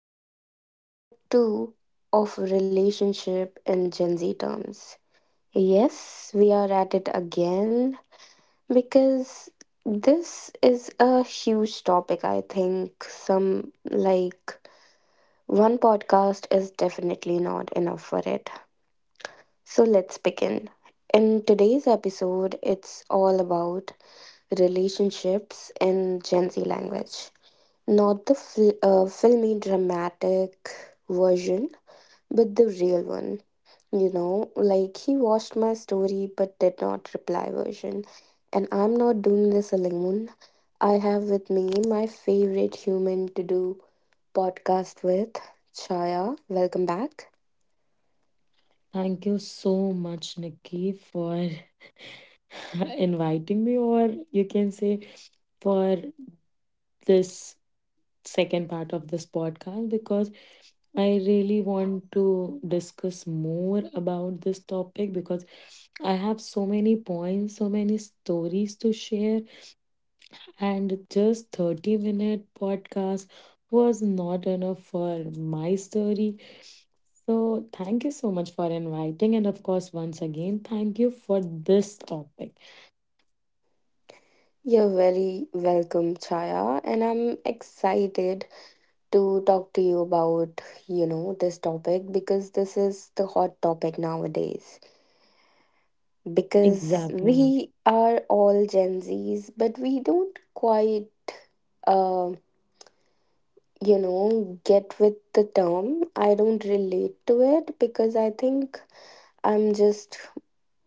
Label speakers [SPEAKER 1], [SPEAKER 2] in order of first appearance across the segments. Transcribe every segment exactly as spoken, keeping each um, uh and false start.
[SPEAKER 1] and this is part two of relationship in Gen Z terms. Yes, we are at it again because this is a huge topic, I think. Some like one podcast is definitely not enough for it, so let's begin. In today's episode, it's all about relationships in Gen Z language. Not the fil- uh, filmy dramatic version, but the real one. You know, like he watched my story but did not reply version. And I'm not doing this alone. I have with me my favorite human to do podcast with, Chaya. Welcome back.
[SPEAKER 2] Thank you so much, Nikki, for inviting me, or you can say for this second part of this podcast, because I really want to discuss more about this topic because I have so many points, so many stories to share, and just 30 minute podcast was not enough for my story. So, thank you so much for inviting, and of course, once again, thank you for this topic.
[SPEAKER 1] You're very welcome, Chaya, and I'm excited to talk to you about, you know, this topic because this is the hot topic nowadays. Because
[SPEAKER 2] Exactly.
[SPEAKER 1] we are all Gen Zs, but we don't quite uh, you know, get with the term. I don't relate to it because I think I'm just,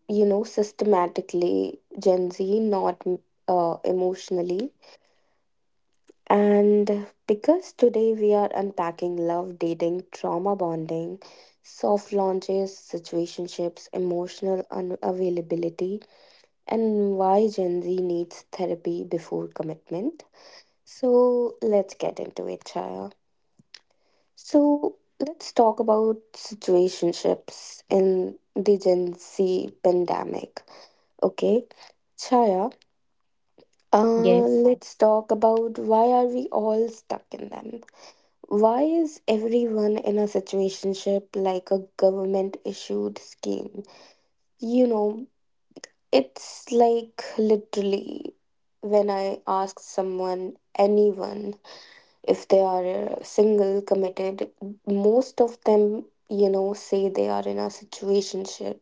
[SPEAKER 1] you know, systematically Gen Z, not uh, emotionally. And because today we are unpacking love, dating, trauma bonding, soft launches, situationships, emotional unavailability, and why Gen Z needs therapy before commitment. So let's get into it, Chaya. So let's talk about situationships in the Gen Z pandemic. Okay, Chaya, uh,
[SPEAKER 2] Yes.
[SPEAKER 1] let's talk about why are we all stuck in them. Why is everyone in a situationship like a government issued scheme? You know, it's like literally when I ask someone, anyone, if they are uh, single committed, most of them you know say they are in a situationship,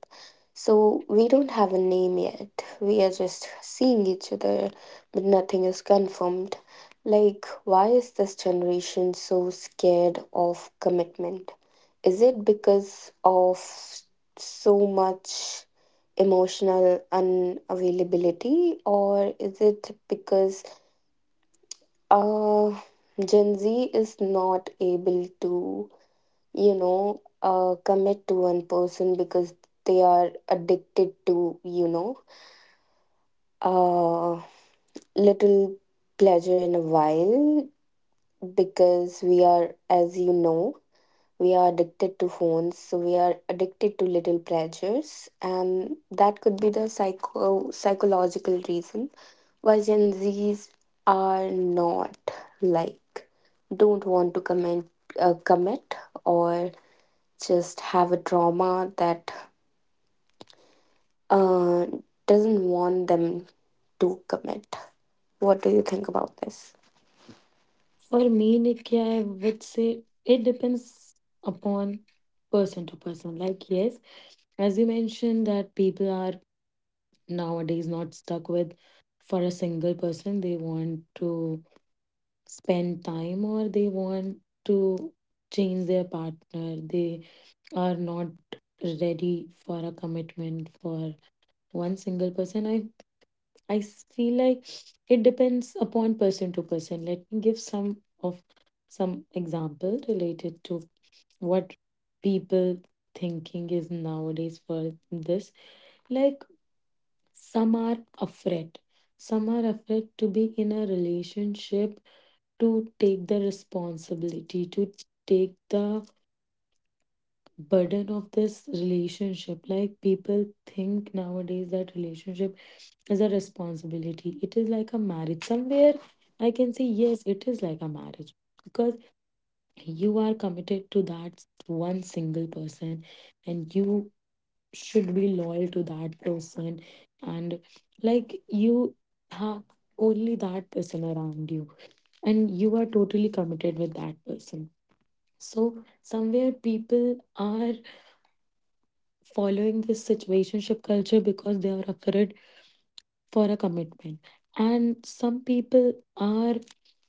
[SPEAKER 1] so we don't have a name yet, we are just seeing each other but nothing is confirmed. Like, why is this generation so scared of commitment? Is it because of so much emotional unavailability, or is it because uh, Gen Z is not able to, you know, uh, commit to one person because they are addicted to, you know, uh, little pleasure in a while? Because we are, as you know, we are addicted to phones, so we are addicted to little pleasures, and that could be the psycho psychological reason why Gen Z's are not, like, don't want to commit uh, commit or just have a trauma that uh, doesn't want them to commit. What do you think about this?
[SPEAKER 2] For me, Nikya, I would say it depends upon person to person. Like, yes, as you mentioned, that people are nowadays not stuck with for a single person. They want to spend time or they want to change their partner. They are not ready for a commitment for one single person. I I s- feel like it depends upon person to person. Let me give some of some example related to what people thinking is nowadays for this. Like some are afraid. Some are afraid to be in a relationship, to take the responsibility, to take the burden of this relationship. Like people think nowadays that relationship as a responsibility. It is like a marriage. Somewhere I can say, yes, it is like a marriage because you are committed to that one single person and you should be loyal to that person, and like you have only that person around you and you are totally committed with that person. So, somewhere people are following this situationship culture because they are afraid for a commitment. And some people are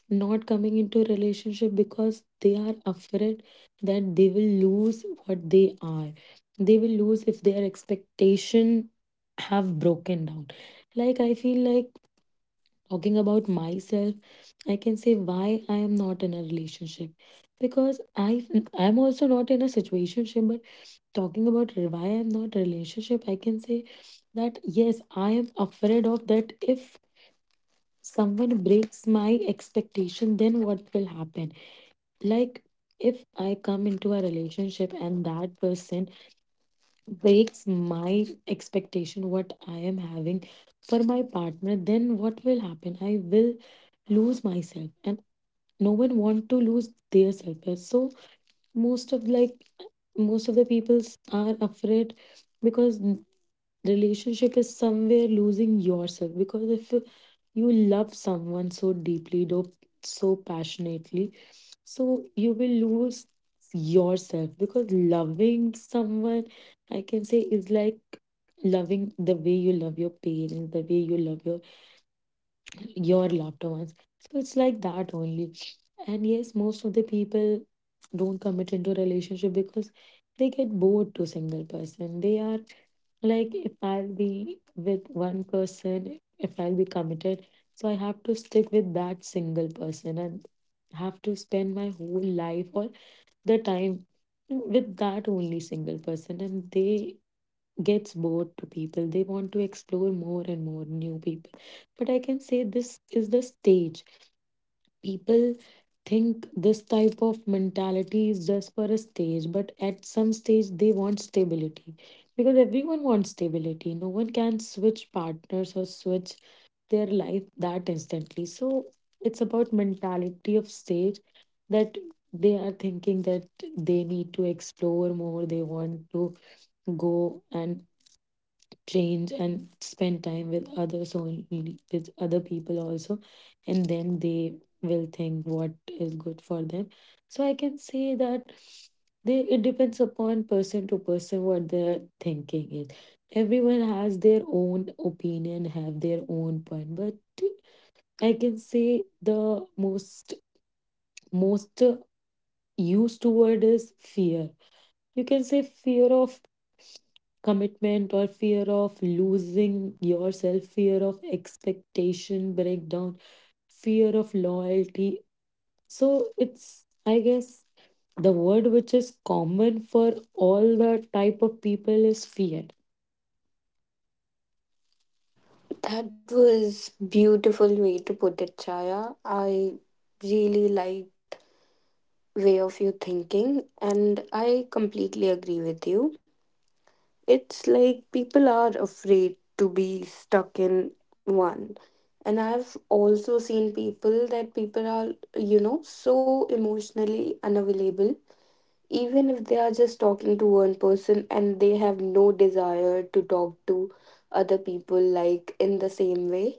[SPEAKER 2] not coming into a relationship because they are afraid that they will lose what they are. They will lose if their expectation have broken down. Like I feel like, talking about myself, I can say why I am not in a relationship. Because I I'm also not in a situationship, but talking about why I'm not relationship, I can say that yes, I am afraid of that if someone breaks my expectation, then what will happen? Like, if I come into a relationship and that person breaks my expectation, what I am having for my partner, then what will happen? I will lose myself, and no one want to lose their self. So most of like most of the people are afraid because relationship is somewhere losing yourself, because if you love someone so deeply, though so passionately, so you will lose yourself, because loving someone, I can say, is like loving the way you love your parents, the way you love your your loved ones. So it's like that only. And yes, most of the people don't commit into a relationship because they get bored to single person. They are like, if I'll be with one person, if I'll be committed, so I have to stick with that single person and have to spend my whole life or the time with that only single person, and they gets bored to people. They want to explore more and more new people. But I can say this is the stage. People think this type of mentality is just for a stage, but at some stage they want stability, because everyone wants stability. No one can switch partners or switch their life that instantly. So it's about mentality of stage, that they are thinking that they need to explore more, they want to go and change and spend time with others, only with other people also, and then they will think what is good for them. So I can say that they, it depends upon person to person what their thinking is. Everyone has their own opinion, have their own point, but I can say the most most uh, used word is fear. You can say fear of commitment, or fear of losing yourself, fear of expectation breakdown, fear of loyalty. So it's, I guess, the word which is common for all the type of people is fear.
[SPEAKER 1] That was beautiful way to put it, Chaya. I really liked way of you thinking, and I completely agree with you. It's like people are afraid to be stuck in one, and I've also seen people that people are, you know so emotionally unavailable. Even if they are just talking to one person and they have no desire to talk to other people, like in the same way,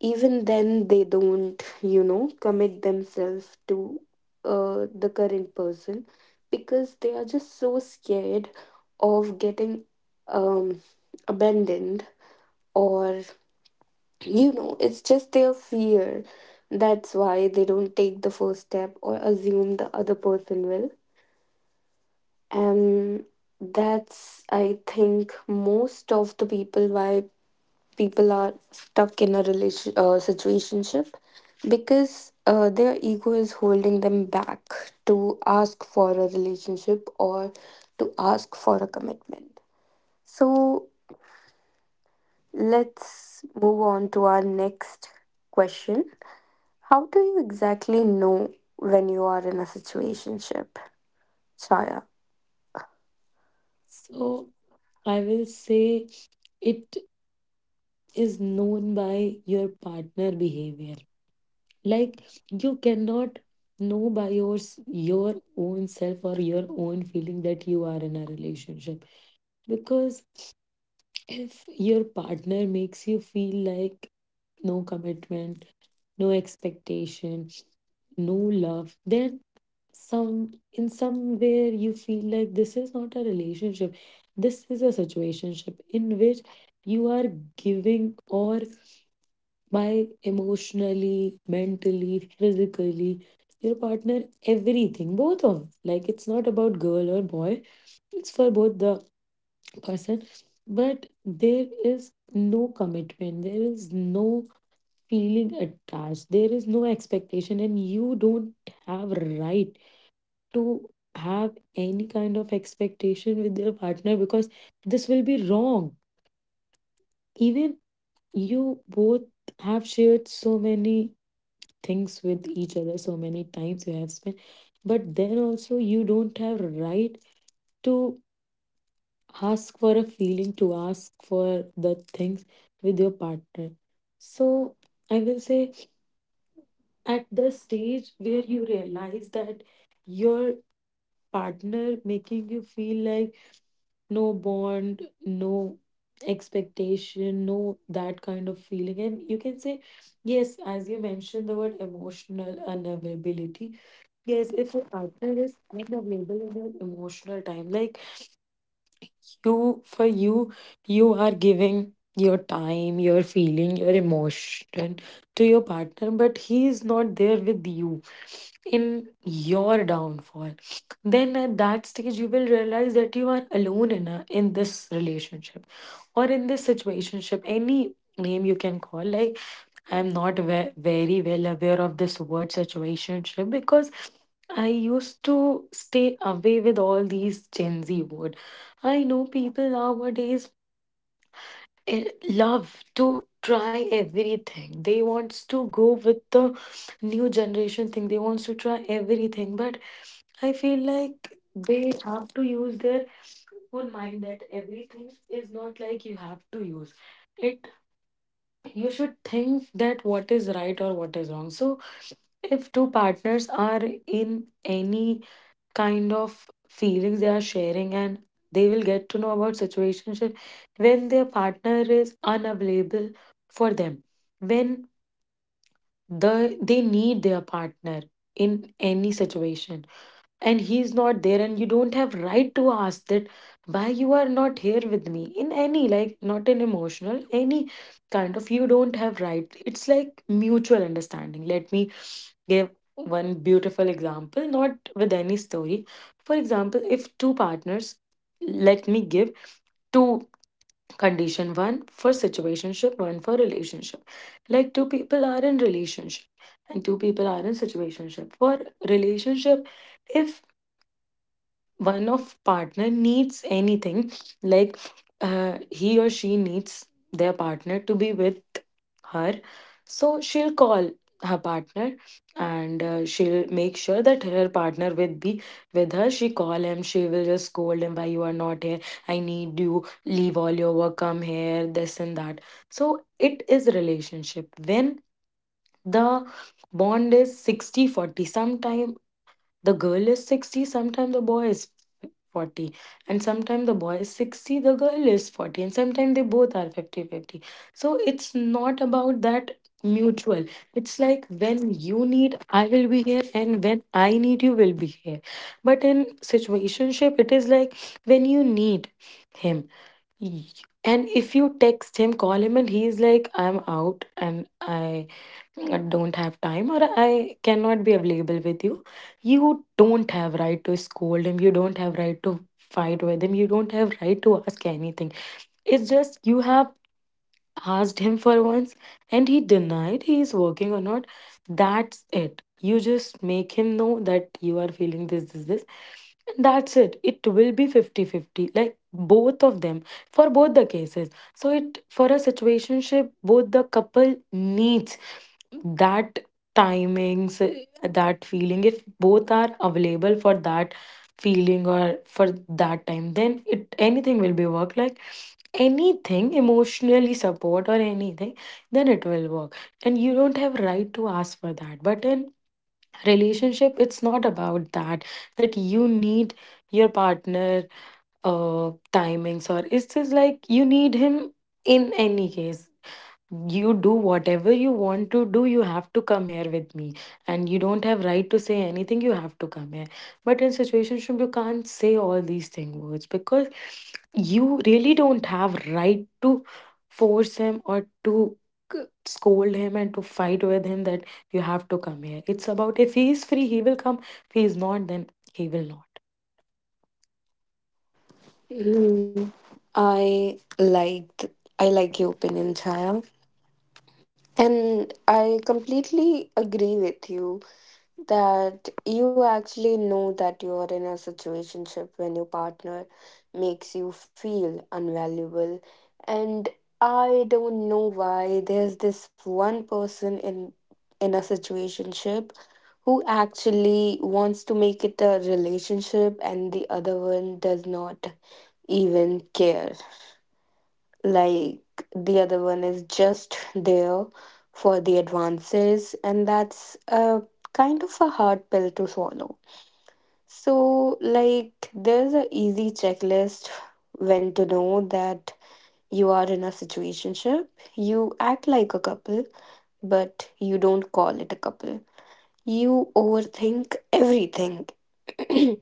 [SPEAKER 1] even then they don't, you know commit themselves to uh, the current person, because they are just so scared of getting um, abandoned, or you know it's just their fear. That's why they don't take the first step or assume the other person will, and that's, I think, most of the people. Why people are stuck in a relation uh, situationship, because uh, their ego is holding them back to ask for a relationship or to ask for a commitment. So let's move on to our next question: how do you exactly know when you are in a situationship, Chaya?
[SPEAKER 2] So I will say it is known by your partner behavior. Like you cannot know by your s- your own self or your own feeling that you are in a relationship, because if your partner makes you feel like no commitment, no expectation, no love, then some in somewhere you feel like this is not a relationship, this is a situationship in which you are giving or by emotionally, mentally, physically, your partner, everything, both of. Like it's not about girl or boy, it's for both the person. But there is no commitment, there is no feeling attached, there is no expectation, and you don't have right to have any kind of expectation with your partner because this will be wrong. Even you both have shared so many things with each other, so many times you have spent, but then also you don't have right to ask for a feeling, to ask for the things with your partner. So I will say, at the stage where you realize that your partner making you feel like no bond, no expectation, no that kind of feeling, and you can say yes, as you mentioned, the word emotional unavailability. Yes, if your partner is unavailable in your emotional time, like you, for you, you are giving your time, your feeling, your emotion to your partner, but he is not there with you in your downfall. Then at that stage, you will realize that you are alone in a, in this relationship or in this situationship, any name you can call. Like I'm not ve- very well aware of this word situationship, because I used to stay away with all these Gen Z word. I know people nowadays eh, love to try everything. They wants to go with the new generation thing. They wants to try everything, but I feel like they have to use their own mind, that everything is not like you have to use. It, you should think that what is right or what is wrong. So if two partners are in any kind of feelings they are sharing, and they will get to know about situationship when their partner is unavailable for them, when the they need their partner in any situation and he's not there, and you don't have right to ask that why you are not here with me, in any like not an emotional, any kind of, you don't have right. It's like mutual understanding. Let me give one beautiful example, not with any story. For example, if two partners, let me give two condition, one for situationship, one for relationship. Like two people are in relationship and two people are in situationship. For relationship, if one of partner needs anything, like uh, he or she needs their partner to be with her, so she'll call her partner, and uh, she'll make sure that her partner will be with her. She call him, she will just scold him, why you are not here, I need you, leave all your work, come here, this and that. So it is relationship when the bond is sixty forty, 40 sometimes the girl is sixty, sometimes the boy is forty, and sometimes the boy is sixty, the girl is forty, and sometimes they both are fifty-fifty. So it's not about that mutual, it's like when you need, I will be here, and when I need, you will be here. But in situationship, it is like when you need him, y- and if you text him, call him, and he's like, I'm out and i I don't have time, or I cannot be available with you. You don't have right to scold him. You don't have right to fight with him. You don't have right to ask anything. It's just you have asked him for once, and he denied, he is working or not, that's it. You just make him know that you are feeling this, this, this, and that's it. It will be fifty-fifty, like both of them, for both the cases. So it, for a situationship, both the couple needs that timings, eh, that feeling. If both are available for that feeling or for that time, then it, anything will be work, like anything emotionally support or anything, then it will work, and you don't have right to ask for that. But in relationship, it's not about that, that you need your partner uh timings, or it's just like you need him in any case. You do whatever you want to do, you have to come here with me, and you don't have right to say anything, you have to come here. But in situationship, you can't say all these thing words, because you really don't have right to force him or to c- scold him and to fight with him that you have to come here. It's about if he is free, he will come, if he is not, then he will not.
[SPEAKER 1] Mm, I like I like your opinion, Chaya. And I completely agree with you that you actually know that you are in a situationship when your partner makes you feel unvaluable. And I don't know why there's this one person in in a situationship who actually wants to make it a relationship and the other one does not even care. Like, the other one is just there for the advances, and that's a kind of a hard pill to swallow. So, like, there's a easy checklist when to know that you are in a situationship: you act like a couple, but you don't call it a couple, you overthink everything,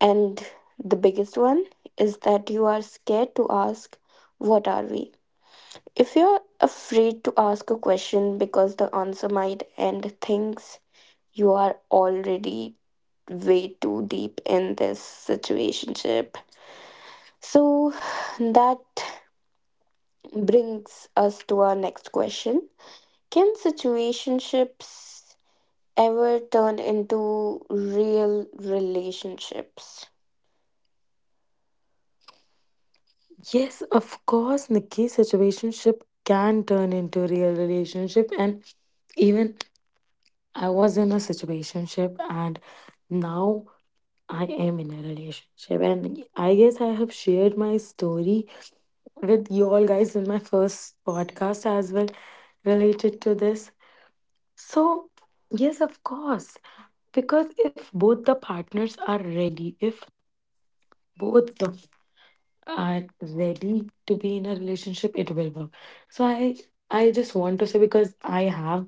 [SPEAKER 1] and the biggest one is that you are scared to ask what are we. If you're afraid to ask a question because the answer might end things, you are already way too deep in this situationship. So that brings us to our next question. Can situationships ever turn into real relationships?
[SPEAKER 2] Yes, of course, Nikki, situationship can turn into real relationship, and even I was in a situationship, and now I am in a relationship. And I guess I have shared my story with you all guys in my first podcast as well related to this. So, yes, of course, because if both the partners are ready, if both the are ready to be in a relationship, it will work. So I I just want to say because I have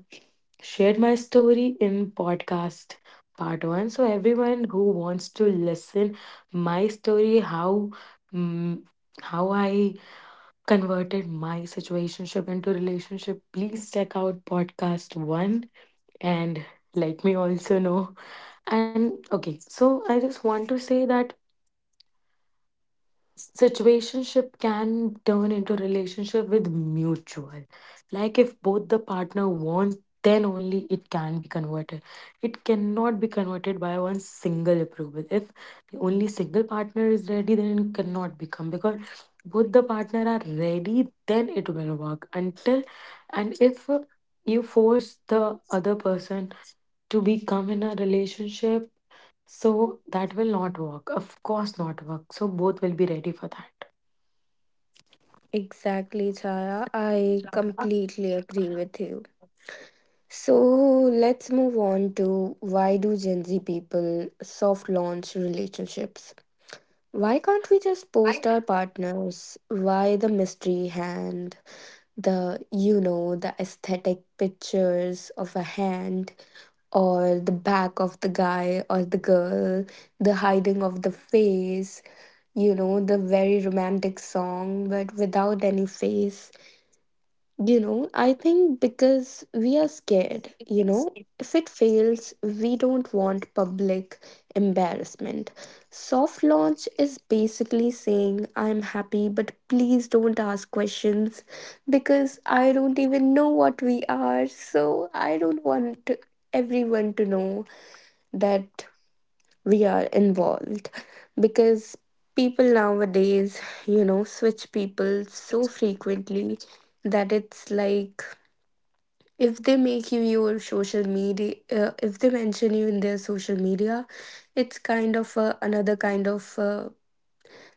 [SPEAKER 2] shared my story in podcast part one. So everyone who wants to listen my story, how mm how I converted my situationship into relationship, please check out podcast one and let me also know. And okay, so I just want to say that situationship can turn into relationship with mutual, like if both the partner wants then only it can be converted, it cannot be converted by one single approval. If the only single partner is ready then it cannot become, because both the partner are ready then it will work. Until and if you force the other person to become in a relationship, so that will not work, of course not work, so both will be ready for that.
[SPEAKER 1] Exactly, Chaya. I
[SPEAKER 2] Not
[SPEAKER 1] completely agree with you. So let's move on to, why do Gen Z people soft launch relationships? Why can't we just post our partners? Why the mystery hand, the you know, the aesthetic pictures of a hand or the back of the guy or the girl, the hiding of the face, you know, the very romantic song but without any face? You know, I think because we are scared, you
[SPEAKER 2] against
[SPEAKER 1] know,
[SPEAKER 2] it.
[SPEAKER 1] if it fails, we don't want public embarrassment. Soft launch is basically saying, I'm happy, but please don't ask questions, because I don't even know what we are. So I don't want everyone to know that we are involved, because people nowadays, you know, switch people so frequently that it's like if they make you your social media, uh, if they mention you in their social media, it's kind of a, another kind of uh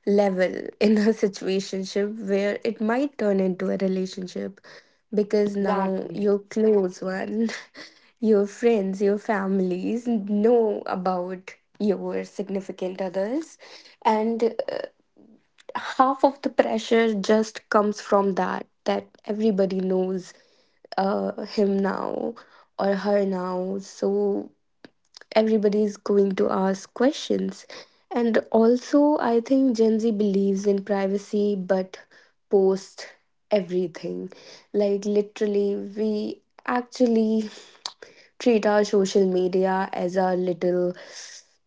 [SPEAKER 1] level in a situationship where it might turn into a relationship, because now
[SPEAKER 2] Exactly.
[SPEAKER 1] your close one, your friends, your families know about your significant others, and uh, half of the pressure just comes from that, that everybody knows uh, him now or her now. So everybody is going to ask questions. And also, I think Gen Z believes in privacy but post everything. Like, literally, we actually treat our social media as our little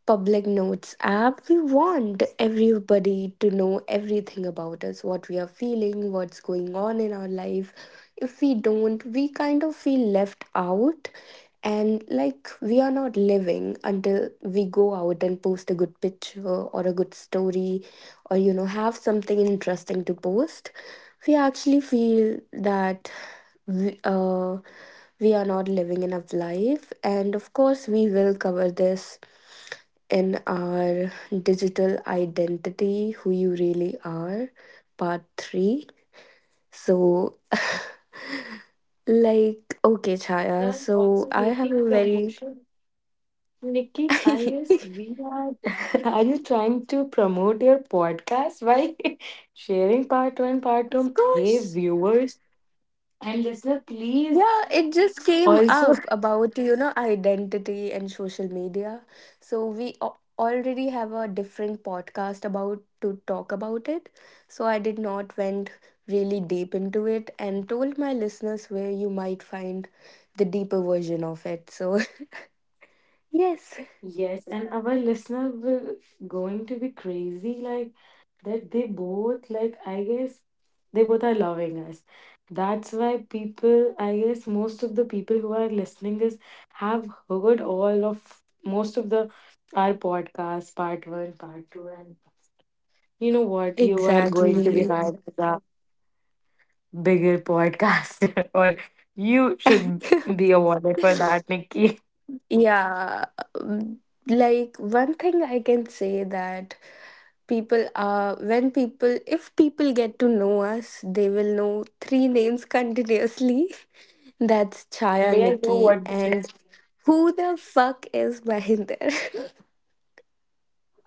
[SPEAKER 1] public notes app. We want everybody to know everything about us, what we are feeling, what's going on in our life. If we don't, we kind of feel left out, and like we are not living until we go out and post a good picture or a good story or you know have something interesting to post. We actually feel that we, uh, we are not living enough life. And of course, we will cover this in our digital identity, who you really are, part three. So, like, okay,
[SPEAKER 2] We
[SPEAKER 1] Chaya,
[SPEAKER 2] are
[SPEAKER 1] so
[SPEAKER 2] also
[SPEAKER 1] I have
[SPEAKER 2] making
[SPEAKER 1] a very,
[SPEAKER 2] promotion. Nikki, I guess we are. Are you trying to promote your podcast by sharing part one, part
[SPEAKER 1] of
[SPEAKER 2] two? Hey,
[SPEAKER 1] course.
[SPEAKER 2] viewers and listener, please
[SPEAKER 1] Yeah, it just came
[SPEAKER 2] also.
[SPEAKER 1] up about, you know, identity and social media. So we al- already have a different podcast about to talk about it. So I did not went really deep into it and told my listeners where you might find the deeper version of it. So, yes,
[SPEAKER 2] Yes, and our listener will going to be crazy, like that they both, like I guess they both are loving us. That's why people, I guess most of the people who are listening this have heard all of most of the our podcast part one, part two, and you know what? You are going to be
[SPEAKER 1] exactly.
[SPEAKER 2] hired as a bigger podcaster or you should be awarded for that, Nikki.
[SPEAKER 1] Yeah, um, like, one thing I can say that people are when people if people get to know us, they will know three names continuously, that's Chaya,
[SPEAKER 2] May I know
[SPEAKER 1] Nikki,
[SPEAKER 2] what.
[SPEAKER 1] and who the fuck is Mahinder?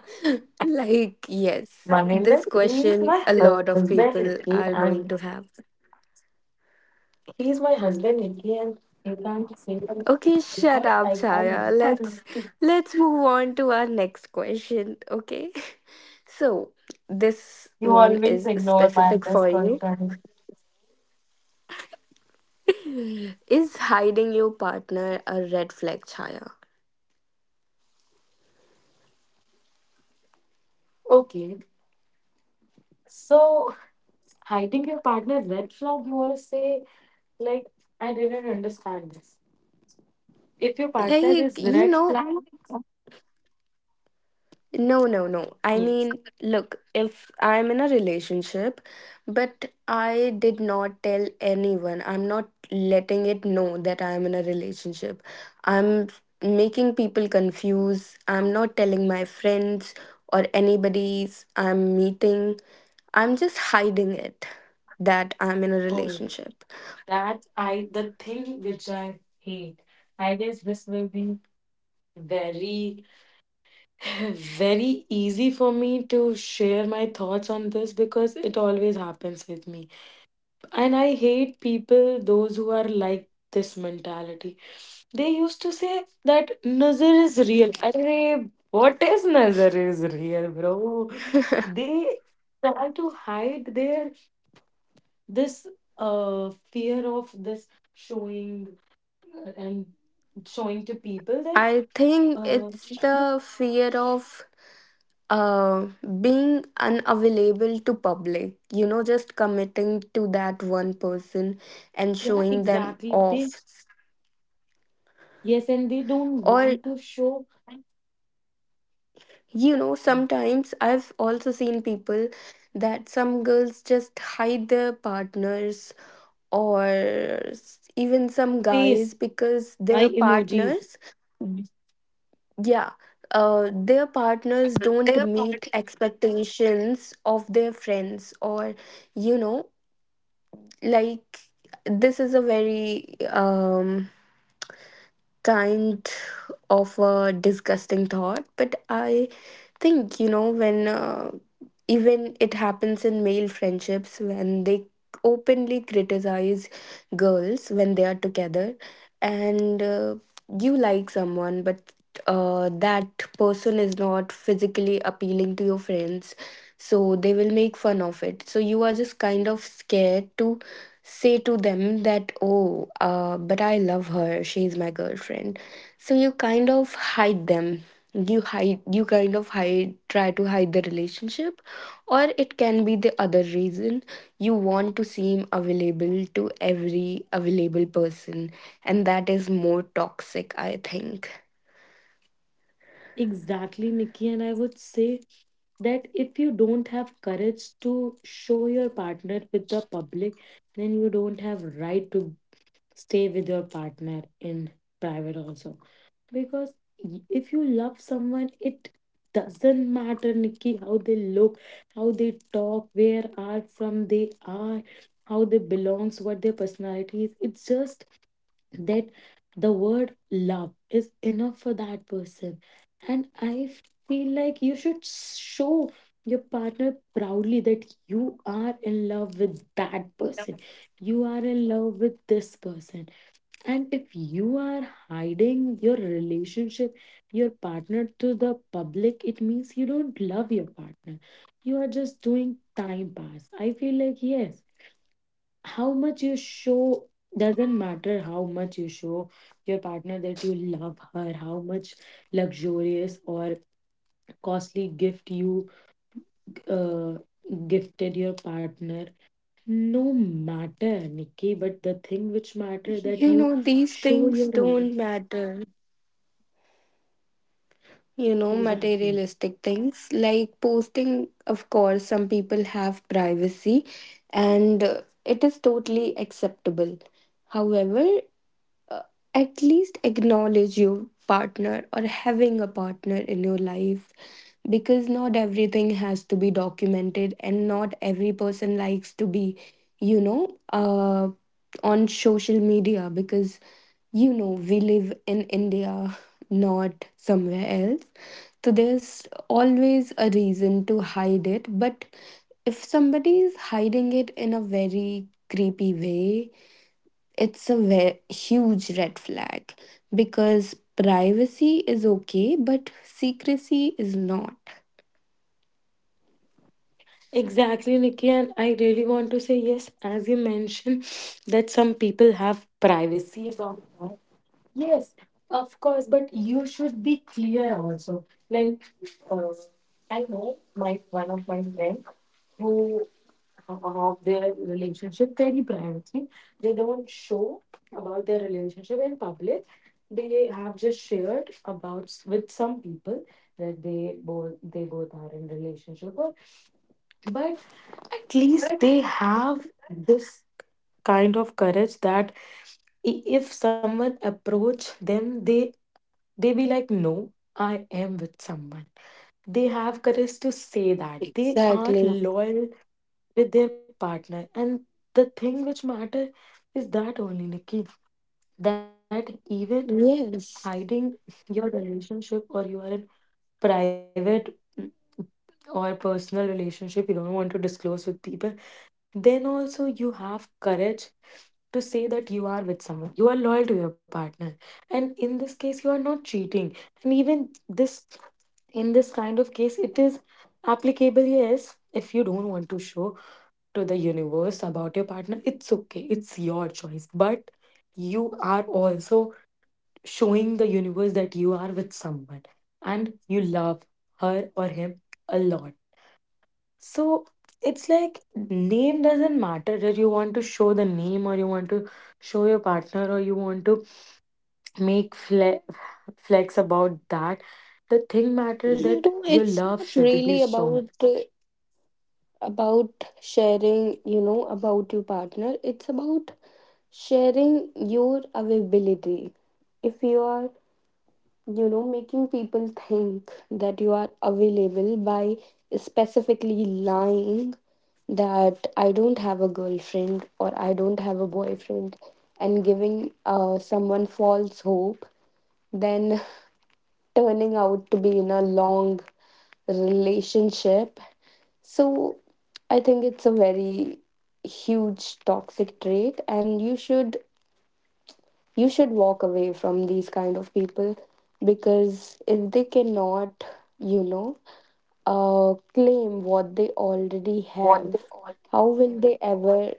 [SPEAKER 1] Like, yes,
[SPEAKER 2] Maninder,
[SPEAKER 1] this
[SPEAKER 2] he is
[SPEAKER 1] question
[SPEAKER 2] my
[SPEAKER 1] a lot of
[SPEAKER 2] husband, okay,
[SPEAKER 1] people are
[SPEAKER 2] and
[SPEAKER 1] going to have.
[SPEAKER 2] he is my husband, okay, and you can't say that
[SPEAKER 1] Okay, shut
[SPEAKER 2] because
[SPEAKER 1] up,
[SPEAKER 2] I can't
[SPEAKER 1] Chaya,
[SPEAKER 2] mention.
[SPEAKER 1] let's let's move on to our next question, okay? So this
[SPEAKER 2] You
[SPEAKER 1] one
[SPEAKER 2] always
[SPEAKER 1] is
[SPEAKER 2] ignore my
[SPEAKER 1] specific
[SPEAKER 2] best
[SPEAKER 1] for you.
[SPEAKER 2] question.
[SPEAKER 1] Is hiding your partner a red flag, Chaya?
[SPEAKER 2] Okay, so hiding your partner red flag, you wanna say, like I didn't understand this. If your partner
[SPEAKER 1] Like,
[SPEAKER 2] is
[SPEAKER 1] you
[SPEAKER 2] red
[SPEAKER 1] know,
[SPEAKER 2] flag,
[SPEAKER 1] no, no, no. I
[SPEAKER 2] yes.
[SPEAKER 1] mean, look, if I'm in a relationship, but I did not tell anyone, I'm not letting it know that I'm in a relationship. I'm making people confused. I'm not telling my friends or anybody's I'm meeting. I'm just hiding it that I'm in a
[SPEAKER 2] Oh,
[SPEAKER 1] relationship.
[SPEAKER 2] that I the thing which I hate. I guess this will be very very easy for me to share my thoughts on this because it always happens with me. And I hate people, those who are like this mentality. They used to say that Nazar is real. Arre, what is Nazar is real, bro? They try to hide their this uh fear of this showing, uh, and showing to people that
[SPEAKER 1] I think
[SPEAKER 2] uh
[SPEAKER 1] it's the fear of uh, being unavailable to public. You know, just committing to that one person and
[SPEAKER 2] yeah,
[SPEAKER 1] showing them
[SPEAKER 2] exactly
[SPEAKER 1] off.
[SPEAKER 2] they. Yes, and they don't
[SPEAKER 1] Or,
[SPEAKER 2] want to show,
[SPEAKER 1] you know,
[SPEAKER 2] yes,
[SPEAKER 1] sometimes I've also seen people that some girls just hide their partners or s- even some
[SPEAKER 2] face
[SPEAKER 1] guys because
[SPEAKER 2] by
[SPEAKER 1] their
[SPEAKER 2] emojis.
[SPEAKER 1] partners. Yeah, uh, their partners don't
[SPEAKER 2] Their
[SPEAKER 1] meet
[SPEAKER 2] part.
[SPEAKER 1] expectations of their friends, or, you know, like, this is a very um, kind of a disgusting thought, but I think, you know when, uh, even it happens in male friendships when they openly criticize girls when they are together, and uh, you like someone, but uh, that person is not physically appealing to your friends, so they will make fun of it, so you are just kind of scared to say to them that, oh, uh, but I love her, she's my girlfriend. So you kind of hide them, you hide you kind of hide try to hide the relationship. Or it can be the other reason: you want to seem available to every available person, and that is more toxic, I think.
[SPEAKER 2] Exactly, Nikki. And I would say that if you don't have courage to show your partner with the public, then you don't have right to stay with your partner in private also. Because y- if you love someone it doesn't matter, Nikki, how they look, how they talk, where are from they are, how they belongs, what their personality is, it's just that the word love is enough for that person. And I feel like you should show your partner proudly that you are in love with that person, you are in love with this person. And if you are hiding your relationship, your partner to the public, it means you don't love your partner. You are just doing time pass. I feel like, yes, how much you show, doesn't matter how much you show your partner that you love her, how much luxurious or costly gift you uh, gifted your partner. No matter, Nikki, but the thing which matter that
[SPEAKER 1] You
[SPEAKER 2] you
[SPEAKER 1] know, these
[SPEAKER 2] show
[SPEAKER 1] things
[SPEAKER 2] your love.
[SPEAKER 1] don't matter. You know,
[SPEAKER 2] Exactly.
[SPEAKER 1] materialistic things, like posting. Of course, some people have privacy, and uh, it is totally acceptable. However, uh, at least acknowledge your partner, or having a partner in your life, because not everything has to be documented and not every person likes to be, you know uh on social media, because you know we live in India, not somewhere else, so there's always a reason to hide it. But if somebody is hiding it in a very creepy way, it's a ve- huge red flag, because privacy is okay, but secrecy is not.
[SPEAKER 2] Exactly, Nikki, and I really want to say yes, as you mentioned, that some people have privacy about that. Yes, of course, but you should be clear also. Like, uh, I know my one of my friends who have their relationship very privately. They don't show about their relationship in public. They have just shared about s- with some people that they both they both are in relationship, or but at least
[SPEAKER 1] But
[SPEAKER 2] they have this kind of courage that I- if someone approach them, they they be like no, I am with someone. They have courage to say that they are
[SPEAKER 1] exactly.
[SPEAKER 2] loyal with their partner. And the thing which matter is that only, Nikki, that even
[SPEAKER 1] Yes.
[SPEAKER 2] hiding your relationship or your private or personal relationship you don't want to disclose with people, then also you have courage to say that you are with someone, you are loyal to your partner, and in this case you are not cheating. And even this, in this kind of case it is applicable. Yes, if you don't want to show to the universe about your partner, it's okay, it's your choice, but you are also showing the universe that you are with someone and you love her or him a lot. So it's like name doesn't matter, that you want to show the name or you want to show your partner or you want to make fle- flex about that. The thing matter
[SPEAKER 1] You
[SPEAKER 2] that
[SPEAKER 1] know,
[SPEAKER 2] your
[SPEAKER 1] it's
[SPEAKER 2] love
[SPEAKER 1] not
[SPEAKER 2] should be
[SPEAKER 1] really
[SPEAKER 2] shown.
[SPEAKER 1] about uh, about sharing, you know, about your partner. It's about sharing your availability. If you are, you know making people think that you are available by specifically lying that I don't have a girlfriend or I don't have a boyfriend, and giving uh, someone false hope, then, turning out to be in a long relationship. So I think it's a very huge toxic trait, and you should you should walk away from these kind of people, because if they cannot, you know uh, claim what they already
[SPEAKER 2] What
[SPEAKER 1] have,
[SPEAKER 2] they all.
[SPEAKER 1] how will they ever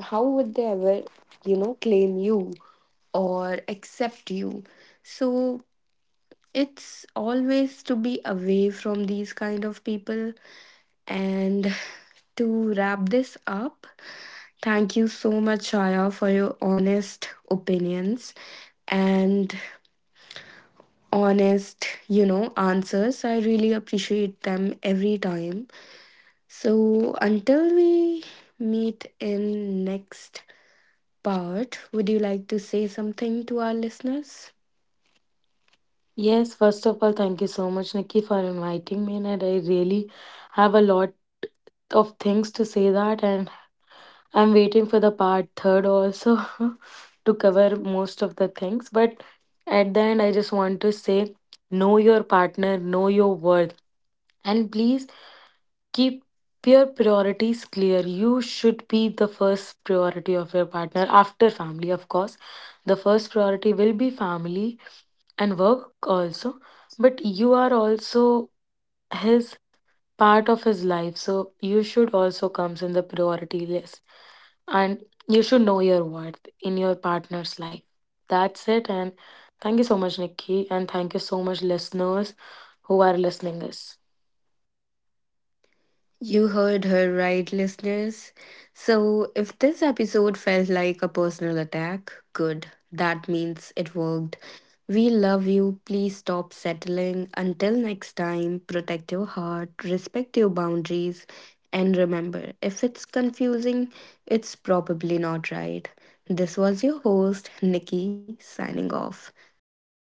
[SPEAKER 1] how would they ever, you know claim you or accept you? So it's always to be away from these kind of people. And to wrap this up, thank you so much, Shaya, for your honest opinions, and honest, you know, answers. I really appreciate them every time. So until we meet in next part, would you like to say something to our listeners?
[SPEAKER 2] Yes, first of all, thank you so much, Nikki, for inviting me. And I really have a lot of things to say that. And I'm waiting for the part third also to cover most of the things. But at the end, I just want to say know your partner, know your worth, and please keep your priorities clear. You should be the first priority of your partner after family, of course. The first priority will be family and work also, but you are also his part of his life. So you should also comes in the priority list. And you should know your worth in your partner's life. That's it. And thank you so much, Nikki. And thank you so much, listeners who are listening us.
[SPEAKER 1] You heard her right, listeners. So, if this episode felt like a personal attack, good. That means it worked. We love you. Please stop settling. Until next time, protect your heart, respect your boundaries, and remember, if it's confusing, it's probably not right. This was your host, Nikki, signing off. Take care.